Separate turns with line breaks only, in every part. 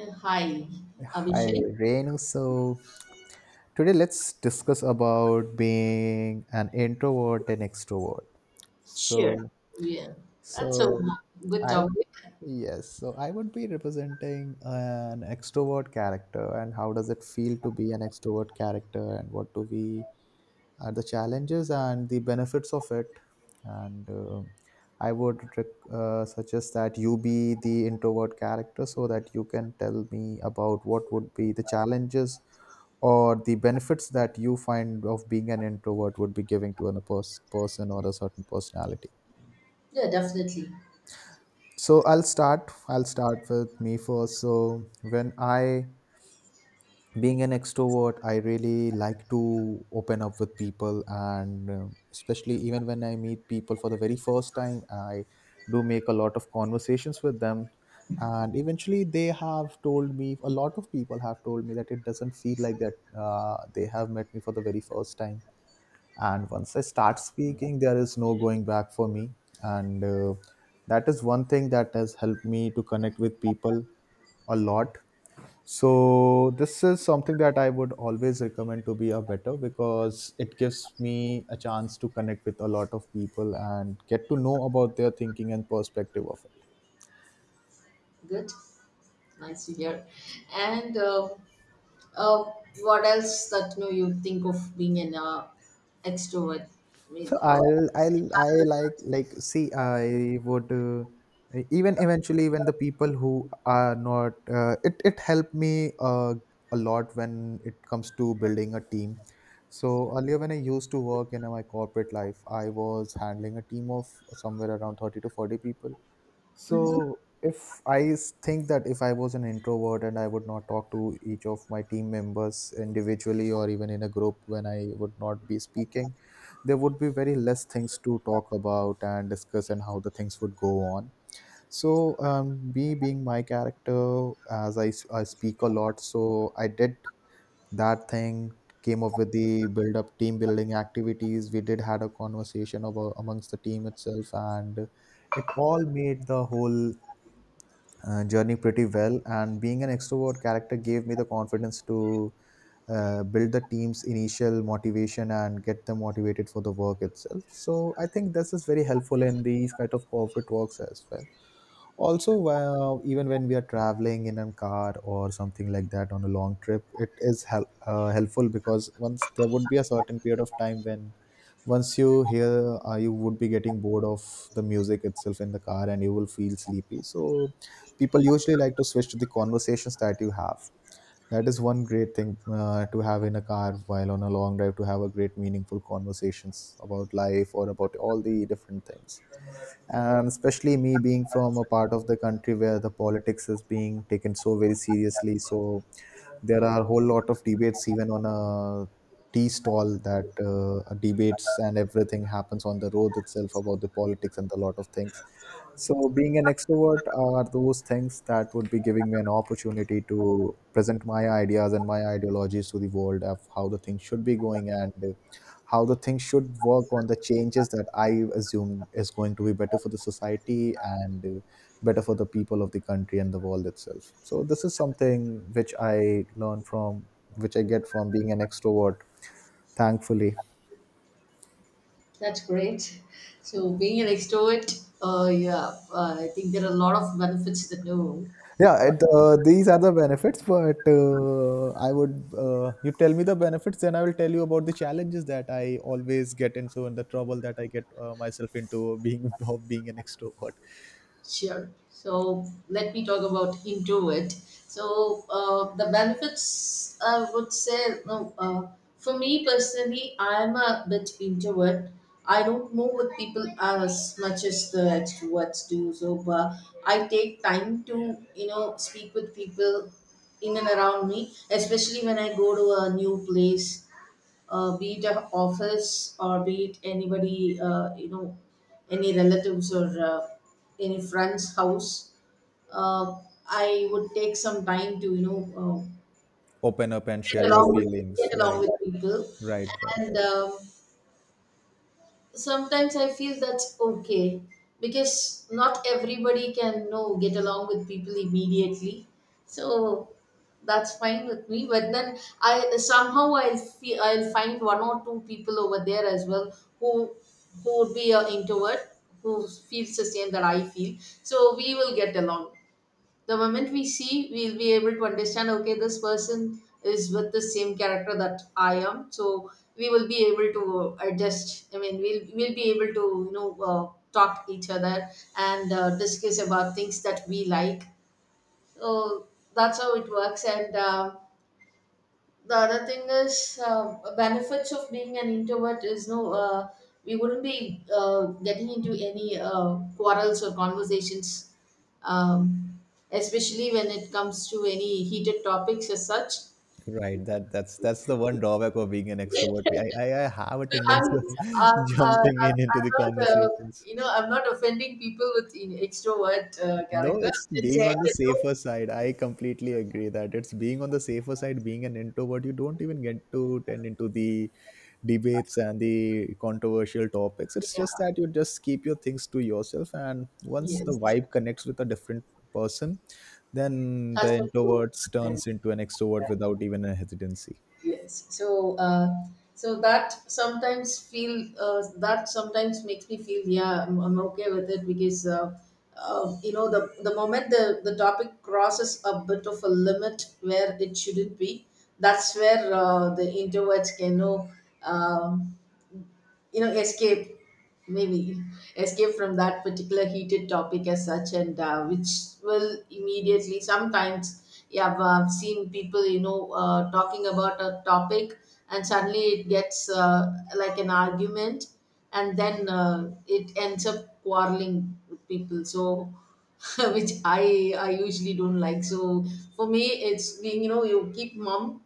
Hi,
Hi,
Abhishek.
Renu. So today let's discuss about being an introvert and extrovert.
Sure.
So,
Yeah, that's a
so
good
I would
topic.
yes. So I would be representing an extrovert character, and how does it feel to be an extrovert character, and what do we are the challenges and the benefits of it and I would suggest that you be the introvert character so that you can tell me about what would be the challenges or the benefits that you find of being an introvert would be giving to a person or a certain personality.
Yeah, definitely.
So I'll start with me first. When I being an extrovert, I really like to open up with people, and especially even when I meet people for the very first time, I do make a lot of conversations with them. And eventually they have told me a lot of people have told me that it doesn't feel like that they have met me for the very first time. And once I start speaking, there is no going back for me. And that is one thing that has helped me to connect with people a lot. So this is something that I would always recommend to be a better, because it gives me a chance to connect with a lot of people and get to know about their thinking and perspective of it.
Good. Nice to hear. And uh, what else that you know you think of being an extrovert? I mean,
So
uh,
I'll I'll I like like see I would, even eventually when the people who are not it helped me a lot when it comes to building a team. So earlier when I used to work in my corporate life, I was handling a team of somewhere around 30 to 40 people.
Mhm.
So if I think that if I was an introvert and I would not talk to each of my team members individually, or even in a group, when I would not be speaking, there would be very less things to talk about and discuss and how the things would go on. So me being my character, as I speak a lot, so I did that thing, came up with the build up team building activities, we did had a conversation about amongst the team itself, and it all made the whole journey pretty well. And being an extrovert character gave me the confidence to build the team's initial motivation and get them motivated for the work itself. So I think this is very helpful in these kind of corporate works as well. Also, even when we are traveling in a car or something like that on a long trip, it is helpful, because once there would be a certain period of time when once you hear you would be getting bored of the music itself in the car and you will feel sleepy, so people usually like to switch to the conversations that you have. That is one great thing to have in a car while on a long drive, to have a great meaningful conversations about life or about all the different things. And especially me being from a part of the country where the politics is being taken so very seriously, so there are a whole lot of debates even on a tea stall, that debates and everything happens on the road itself about the politics and a lot of things. So, being an extrovert are those things that would be giving me an opportunity to present my ideas and my ideologies to the world of how the things should be going, and how the things should work on the changes that I assume is going to be better for the society, and better for the people of the country and the world itself. So, this is something which I learned from, which I get from being an extrovert, thankfully.
That's great. So being an extrovert, yeah, I think there are a lot of benefits that know.
Yeah, these are the benefits, but I would, you tell me the benefits, then I will tell you about the challenges that I always get into and the trouble that I get myself into being of being an extrovert.
Sure. So let me talk about introvert. So the benefits I would say, no, for me personally, I'm a bit introvert. I don't move with people as much as the extroverts do. So I take time to you know speak with people in and around me, especially when I go to a new place, be it a office or be it anybody, you know, any relatives or any friend's house, uh, I would take some time to, you know,
Open up and
get
share your
along with
feelings.
get along
Right,
with people,
right, right,
and um, sometimes I feel that's okay because not everybody can know get along with people immediately. So that's fine with me. But then I somehow I'll feel, I'll find one or two people over there as well who would be an introvert who feels the same that I feel. So we will get along the moment we see. We'll be able to understand, okay, this person is with the same character that I am, so we will be able to adjust. We'll be able to you know talk each other and discuss about things that we like. So that's how it works. And the other thing is, benefits of being an introvert is, no, we wouldn't be getting into any quarrels or conversations, um, especially when it comes to any heated topics as such.
right. That that's the one drawback of being an extrovert. I have a
I'm,
tendency of
I'm, uh, I'm
jumping in into the
not
conversations.
you know I'm not offending people with in extrovert
No,
character.
it's
I'm just
being
saying
on the
that, no,
safer side. I completely agree that it's being on the safer side. Being an introvert, you don't even get to tend into the debates and the controversial topics. It's just that you just keep your things to yourself. And once
yeah,
the
yes,
vibe connects with a different person, then
that's
the
what you,
introvert turns into an extrovert without even a hesitancy.
yes. So that sometimes makes me feel, yeah, I'm okay with it because, you know, the moment the topic crosses a bit of a limit where it shouldn't be, that's where the introverts can know, um, you know, escape, maybe escape from that particular heated topic as such. And which will immediately sometimes, yeah, I've seen people, you know, talking about a topic and suddenly it gets like an argument, and then it ends up quarreling with people. So which I usually don't like. So for me, it's being, you know, you keep mum.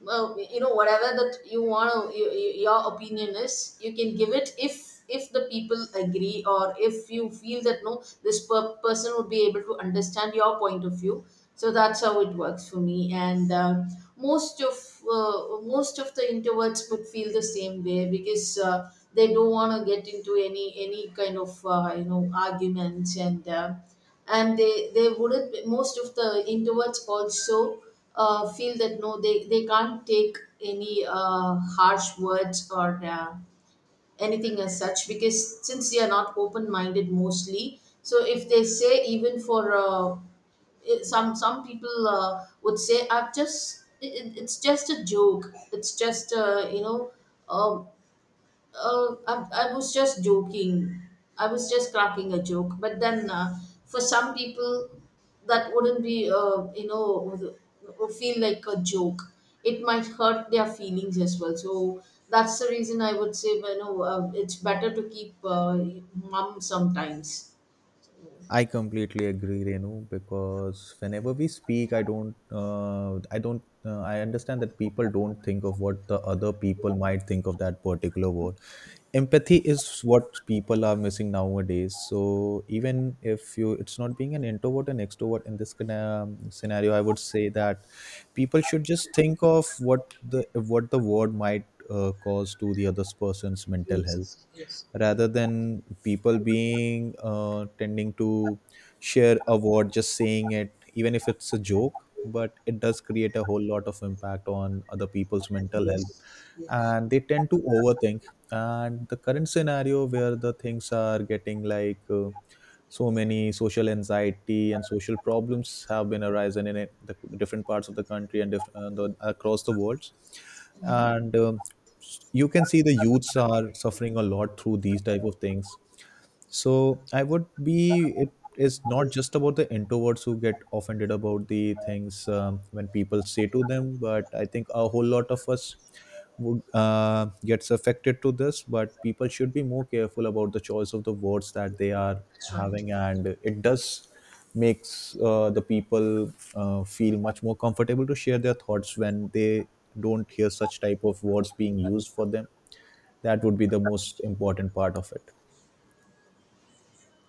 Well, you know, whatever that you want to, you- your opinion is, you can give it if the people agree or if you feel that no this per- person would be able to understand your point of view. So that's how it works for me. And most of most of the introverts would feel the same way because they don't want to get into any kind of you know arguments. And and they wouldn't. Most of the introverts also feel that, no, they can't take any harsh words or anything as such, because since they are not open minded mostly, so if they say, even for it- some people would say, I've just it- it's just a joke, it's just you know. Um, I was just joking. I was just cracking a joke. But then, for some people, that wouldn't be, you know, would feel like a joke. It might hurt their feelings as well. So that's the reason I would say, you know, it's better to keep mum sometimes.
I completely agree, Renu, because whenever we speak, I don't, I understand that people don't think of what the other people might think of that particular word. Empathy is what people are missing nowadays. So even if you, it's not being an introvert and extrovert in this kind of scenario, I would say that people should just think of what the word might cause to the other person's mental health,
Yes, yes.
rather than people being tending to share a word just saying it, even if it's a joke, but it does create a whole lot of impact on other people's mental health,
Yes, yes.
and they tend to overthink. And the current scenario where the things are getting like so many social anxiety and social problems have been arising in it, the different parts of the country, and across the world.
Hmm.
And you can see the youths are suffering a lot through these type of things. So I would be, it is not just about the introverts who get offended about the things when people say to them, but I think a whole lot of us would, gets affected to this. But people should be more careful about the choice of the words that they are
That's right.
having, and it does makes the people feel much more comfortable to share their thoughts when they don't hear such type of words being used for them. That would be the most important part of it.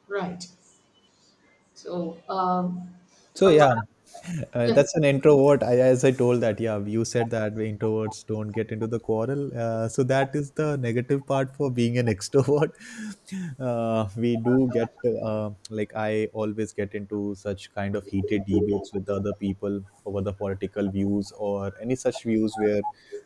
Right. So,
So
from my,
yeah,
yeah,
that's an introvert. I, as I told that, yeah, you said that we introverts don't get into the quarrel. So that is the negative part for being an extrovert. We do get, like I always get into such kind of heated debates with the other people over the political views or any such views where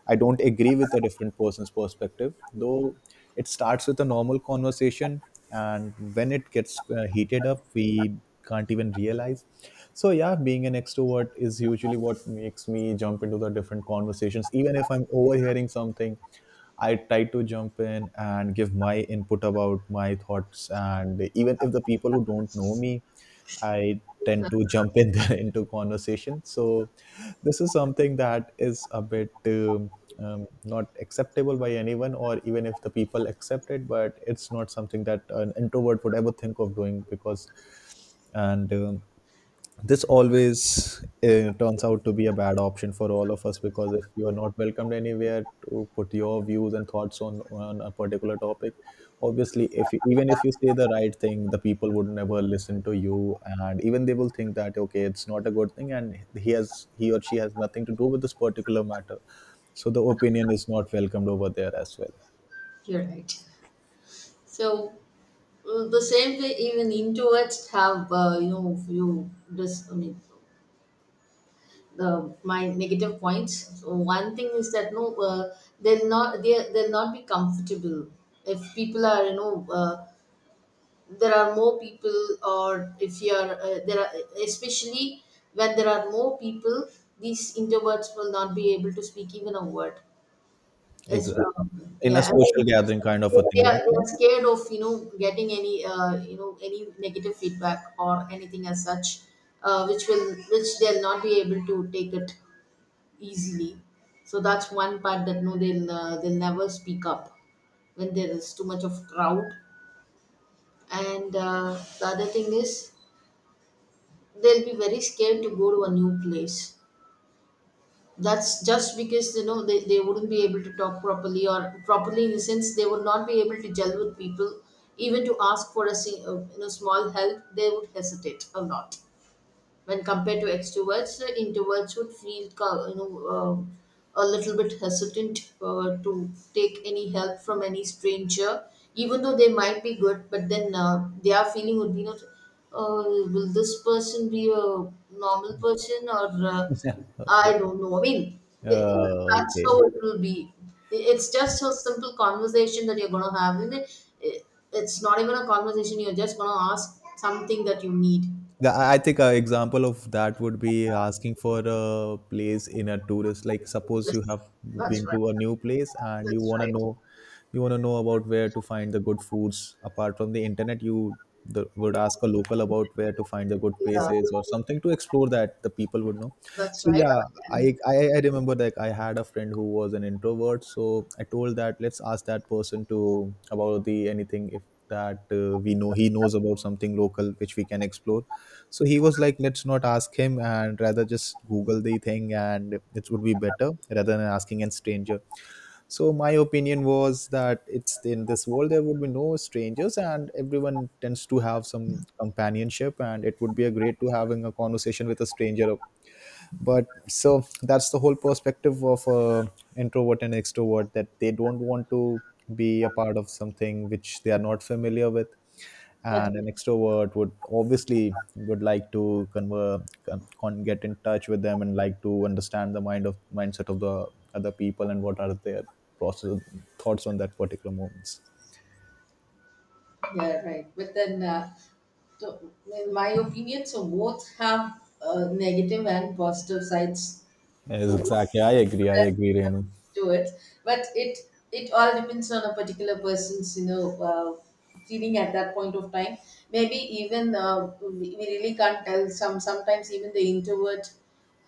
I don't agree with a different person's perspective. Though it starts with a normal conversation, and when it gets heated up, we can't even realize. So yeah, being an extrovert is usually what makes me jump into the different conversations. Even if I'm overhearing something, I try to jump in and give my input about my thoughts. And even if the people who don't know me, I tend to jump in there into conversation. So this is something that is a bit not acceptable by anyone, or even if the people accept it, but it's not something that an introvert would ever think of doing because and this always turns out to be a bad option for all of us, because if you are not welcomed anywhere to put your views and thoughts on a particular topic, obviously if you, even if you say the right thing, the people would never listen to you, and even they will think that okay, it's not a good thing, and he or she has nothing to do with this particular matter. So the opinion is not welcomed over there as well.
you're right. So, well, the same way even introverts have you know few this the my negative points. So one thing is that, no, they'll not be comfortable if people are, you know, there are more people, or if you are, there are, especially when there are more people, these introverts will not be able to speak even a word. It's
Exactly,
probably,
in a
yeah.
social gathering kind of a thing, right?
They are scared of you know getting any you know any negative feedback or anything as such, which will which they'll not be able to take it easily. So that's one part that, no, they'll never speak up when there is too much of crowd. And the other thing is, they'll be very scared to go to a new place. That's just because you know they wouldn't be able to talk properly, or properly in the sense they would not be able to gel with people, even to ask for a you know small help. They would hesitate a lot when compared to extroverts. The introverts would feel, co- you know, um, a little bit hesitant to take any help from any stranger, even though they might be good. But then their feeling would be, you know, will this person be a normal person or
Yeah.
I don't know. Th- that's how
Okay.
it will be. It's just a simple conversation that you're gonna have, and it- it's not even a conversation. You're just gonna ask something that you need.
Yeah, I think an example of that would be asking for a place in a tourist. Like, suppose you
Yes,
have
that's
been
right.
to a new place and you
That's
want to
right.
know, you want to know about where to find the good foods. Apart from the internet, would ask a local about where to find the good
Yeah,
places or something to explore that the people would know.
that's
So
right.
yeah,
Yeah,
I remember, like I had a friend who was an introvert. So I told that let's ask that person to about the anything if that we know he knows about something local which we can explore. So he was like let's not ask him and rather just google the thing, and it would be better rather than asking a stranger. So my opinion was that it's in this world there would be no strangers and everyone tends to have some companionship, and it would be a great to having a conversation with a stranger. But so that's the whole perspective of introvert and extrovert, that they don't want to be a part of something which they are not familiar with. And
judgment.
an extrovert would obviously would like to get in touch with them and like to understand the mind of mindset of the other people and what are their process thoughts on that particular moments.
Yeah, right. But then, so in my opinion, so both have negative and positive sides,
Yes,
for
exactly, I agree, Renu.
do it. But it all depends on a particular person's you know uh, feeling at that point of time. Maybe even, we really can't tell. Sometimes even the introvert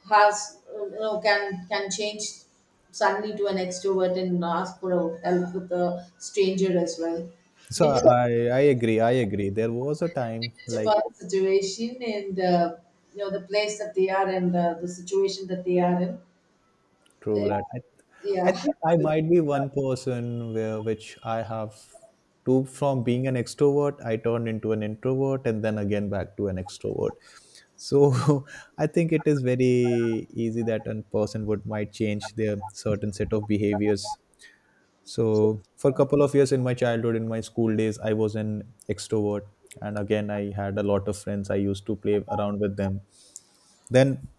has you know can change suddenly to an extrovert and ask for help with a stranger as well.
So
Depends,
I agree there was a time
depends
like.
upon the situation and you know the place that they are, and the situation that they are in. Uh,
True that. I
yeah.
think I might be one person where which I have to from being an extrovert, I turned into an introvert and then again back to an extrovert. So I think it is very easy that a person would might change their certain set of behaviors. So for a couple of years in my childhood, in my school days, I was an extrovert. And again, I had a lot of friends. I used to play around with them, then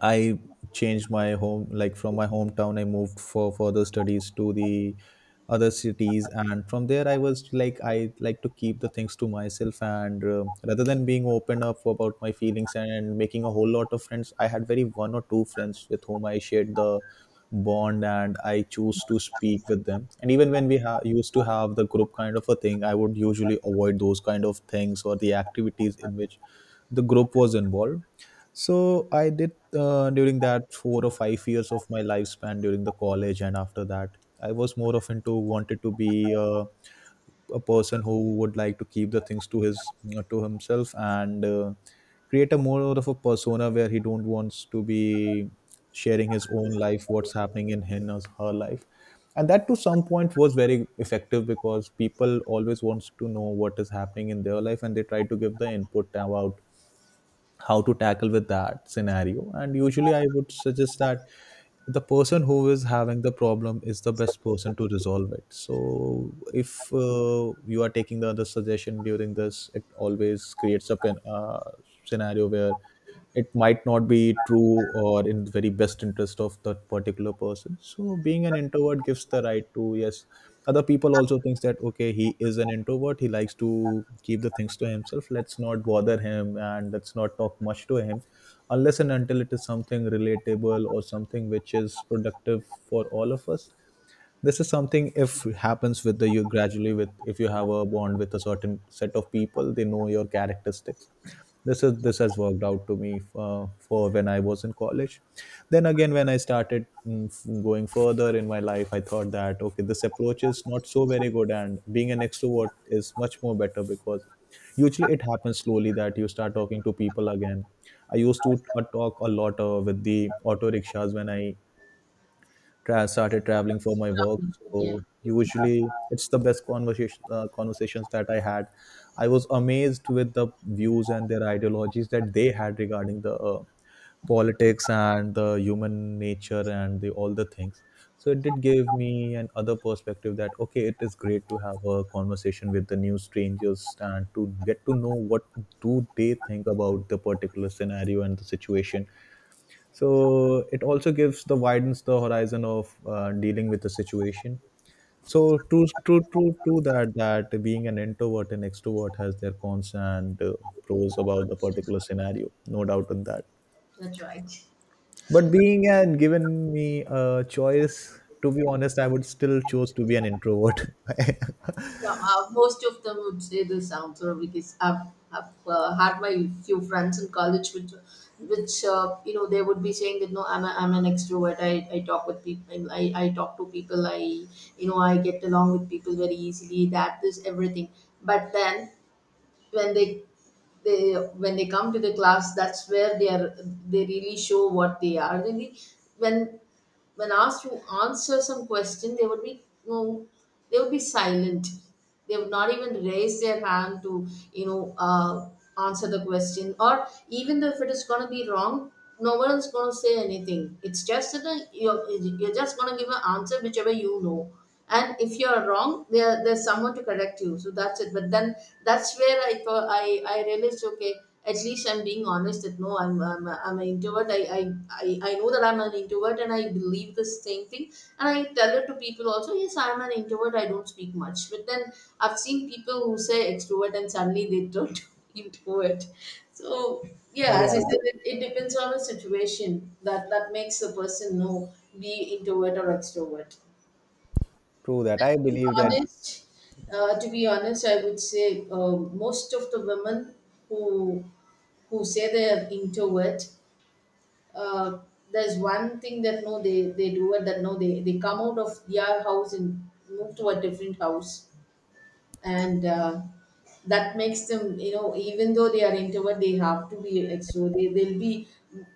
I changed my home, like from my hometown, I moved for further studies to the other cities, and from there I was like I like to keep the things to myself, and rather than being open up about my feelings and making a whole lot of friends, I had very one or two friends with whom I shared the bond, and I choose to speak with them. And even when we used to have the group kind of a thing, I would usually avoid those kind of things or the activities in which the group was involved. So I did during that 4 or 5 years of my lifespan during the college, and after that, I was more of into wanted to be a person who would like to keep the things to his to himself, and create a more of a persona where he don't wants to be sharing his own life, what's happening in him or her life, and that to some point was very effective because people always wants to know what is happening in their life, and they try to give the input about how to tackle with that scenario. And usually I would suggest that the person who is having the problem is the best person to resolve it. So if you are taking the other suggestion during this, it always creates a scenario where it might not be true or in the very best interest of that particular person. So being an introvert gives the right to, yes, other people also thinks that okay, he is an introvert, he likes to keep the things to himself, let's not bother him and let's not talk much to him unless and until it is something relatable or something which is productive for all of us. This is something if happens with the you gradually with if you have a bond with a certain set of people, they know your characteristics. This has worked out to me for when I was in college. Then again when I started going further in my life, I thought that okay, this approach is not so very good, and being an extrovert is much more better because usually it happens slowly that you start talking to people again. I used to talk a lot with the auto rickshaws when I started traveling for
So,
my work.
yeah.
So usually it's the best conversation conversations that I had. I was amazed with the views and their ideologies that they had regarding the politics and the human nature and the all the things. So it did give me an other perspective that okay, it is great to have a conversation with the new strangers and to get to know what do they think about the particular scenario and the situation. So it also gives the widens the horizon of dealing with the situation. So true, true, true, true that that being an introvert and extrovert has their cons and pros about the particular scenario, no doubt on that.
That's right.
But being and given me a choice, to be honest, I would still choose to be an introvert.
Yeah, most of them would say the sounds or because I've had my few friends in college which you know they would be saying that, no, I'm an extrovert. I talk with people. I talk to people. I, you know, I get along with people very easily. That is everything. But then when they when they come to the class, that's where they are. They really show what they are really. when when asked to answer some question, they would be, you know, they would be silent. They would not even raise their hand to, you know, answer the question. Or even though if it is going to be wrong, no one is going to say anything. It's just that, you're just going to give an answer whichever you know. And if you're wrong, there there's someone to correct you, so that's it. But then that's where I thought I realized, okay, at least I'm being honest that, no, I'm an introvert. I know that I'm an introvert and I believe the same thing, and I tell it to people also. Yes, I'm an introvert. I don't speak much. But then I've seen people who say extrovert and suddenly they don't introvert. So yeah, as I
Yeah,
said, it depends on the situation that makes a person know be introvert or extrovert.
true that, I believe that.
honest, to be honest, I would say most of the women who say they are introvert, uh, there's one thing that, no, they do it, that, no, they come out of their house and move to a different house, and that makes them, you know, even though they are introvert, they have to be extrovert. They'll be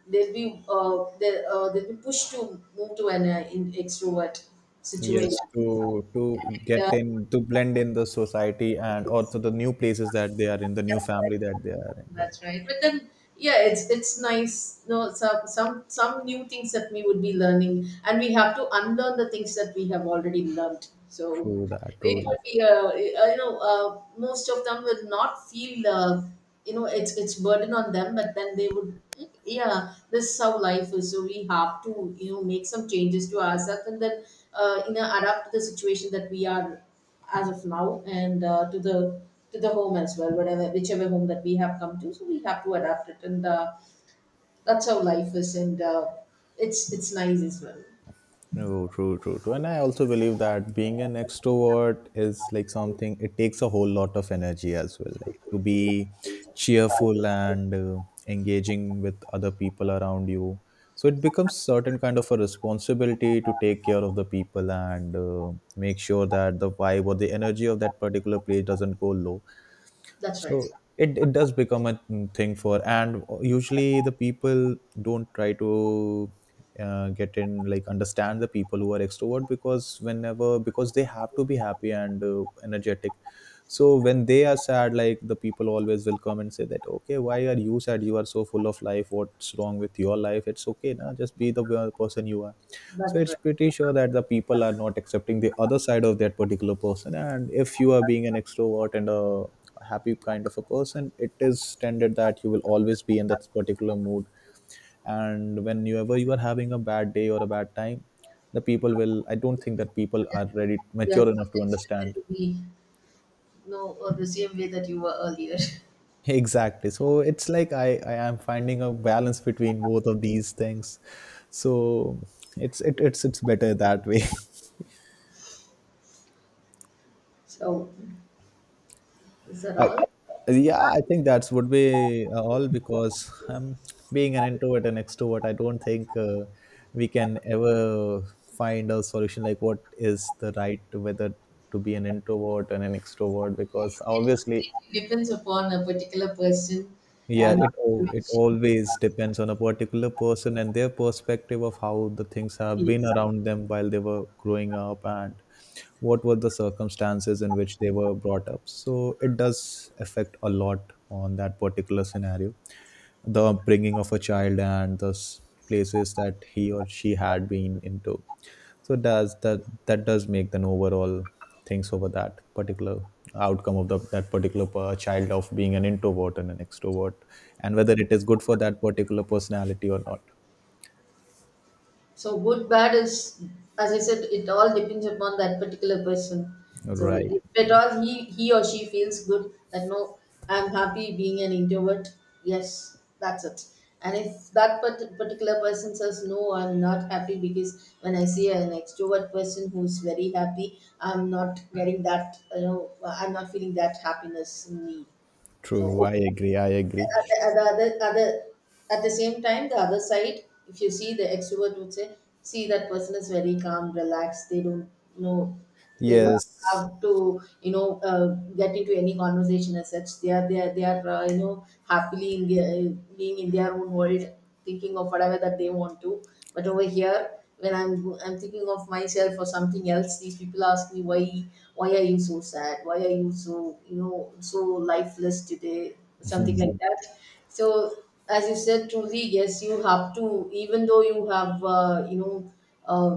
they'll be pushed to move to an extrovert
Yes,
situation.
to get in to blend in the society and also the new places that they are in, the new
That's right.
family that they are in, right.
That's right. But then, yeah, it's nice. No, some new things that we would be learning, and we have to unlearn the things that we have already learned. So
True that, true
it will
that.
be, you know, most of them will not feel, you know, it's burden on them, but then they would, yeah, this is how life is. So we have to, you know, make some changes to ourselves, and then, you know, adapt to the situation that we are as of now, and to the home as well, whatever whichever home that we have come to, so we have to adapt it. And that's how life is. And it's nice as well.
No, true, true, true. And I also believe that being an extrovert is like something, it takes a whole lot of energy as well. Like to be cheerful and engaging with other people around you. So it becomes certain kind of a responsibility to take care of the people and make sure that the vibe or the energy of that particular place doesn't go low.
That's right.
So it does become a thing for, and usually the people don't try to get in, like understand the people who are extrovert, because whenever, because they have to be happy and energetic. So when they are sad, like the people always will come and say that, okay, why are you sad? You are so full of life. What's wrong with your life? It's okay, na? Just be the person you are. So
That's
it's
right.
pretty sure that the people are not accepting the other side of that particular person. And if you are being an extrovert and a happy kind of a person, it is tended that you will always be in that particular mood, and whenever you are having a bad day or a bad time, the people will, I don't think that people are ready
Yes,
mature enough
I
to
expect it
understand.
to be, no, or the same way that you were earlier.
Exactly. So it's like I am finding a balance between both of these things, so it's it's better that way.
So is that
I,
all?
yeah, I think that's would be all because being an introvert and extrovert, I don't think we can ever find a solution like what is the right to whether to be an introvert and an extrovert because obviously,
It depends upon a particular person
yeah,
and
it
situation.
always depends on a particular person and their perspective of how the things have been around them while they were growing up, and what were the circumstances in which they were brought up. So it does affect a lot on that particular scenario, the upbringing of a child and the places that he or she had been into. So does that that does make an overall things over that particular outcome of the, that particular child of being an introvert and an extrovert, and whether it is good for that particular personality or not.
So good, bad is, as I said, it all depends upon that particular person. So
Right,
if at all he or she feels good that, no, I'm happy being an introvert. Yes, that's it. And if that part- particular person says, no, I'm not happy, because when I see an extrovert person who's very happy, I'm not getting that. You know, I'm not feeling that happiness in me.
true,
So
I agree.
at the other, at the same time the other side, if you see, the extrovert would say, see that person is very calm, relaxed, they don't know, they don't
Yes.
have to, you know, get into any conversation as such. They are, they are, you know, happily in their, being in their own world, thinking of whatever that they want to. But over here, when I'm thinking of myself or something else, these people ask me, why are you so sad, why are you so, you know, so lifeless today, something like that. So as you said, truly, yes, you have to, even though you have, you know, uh,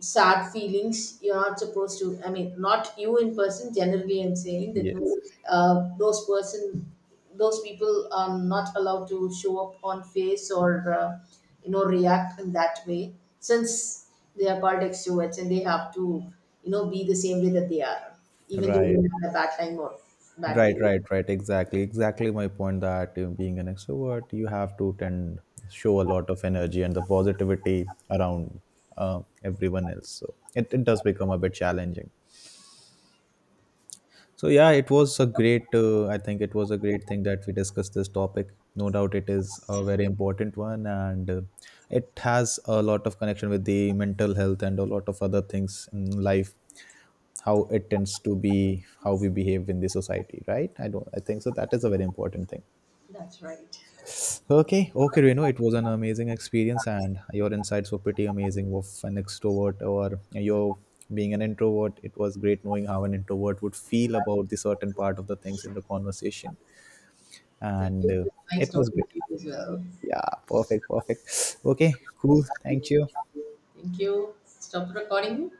sad feelings, you're not supposed to, I mean, not you in person, generally I'm saying that, no,
Yes.
uh, those person those people are not allowed to show up on face or, you know, react in that way, since they are called extroverts, and they have to, you know, be the same way that they are, even though
Right,
they have a bad time or bad
right,
day.
right, right. Exactly, exactly my point that being an extrovert, you have to tend show a lot of energy and the positivity around everyone else. So it does become a bit challenging. So yeah, it was a great. I think it was a great thing that we discussed this topic. No doubt, it is a very important one, and it has a lot of connection with the mental health and a lot of other things in life. How it tends to be, how we behave in the society, right? I don't. I think so. That is a very important thing.
That's right.
Okay, okay, Reno, it was an amazing experience, and your insights were pretty amazing of an extrovert or you being an introvert. It was great knowing how an introvert would feel about the certain part of the things in the conversation,
Thank you,
and
it was nice
it was
talking to
great.
you as well.
Yeah, perfect, perfect. Okay, cool. Thank you.
Thank you, stop recording.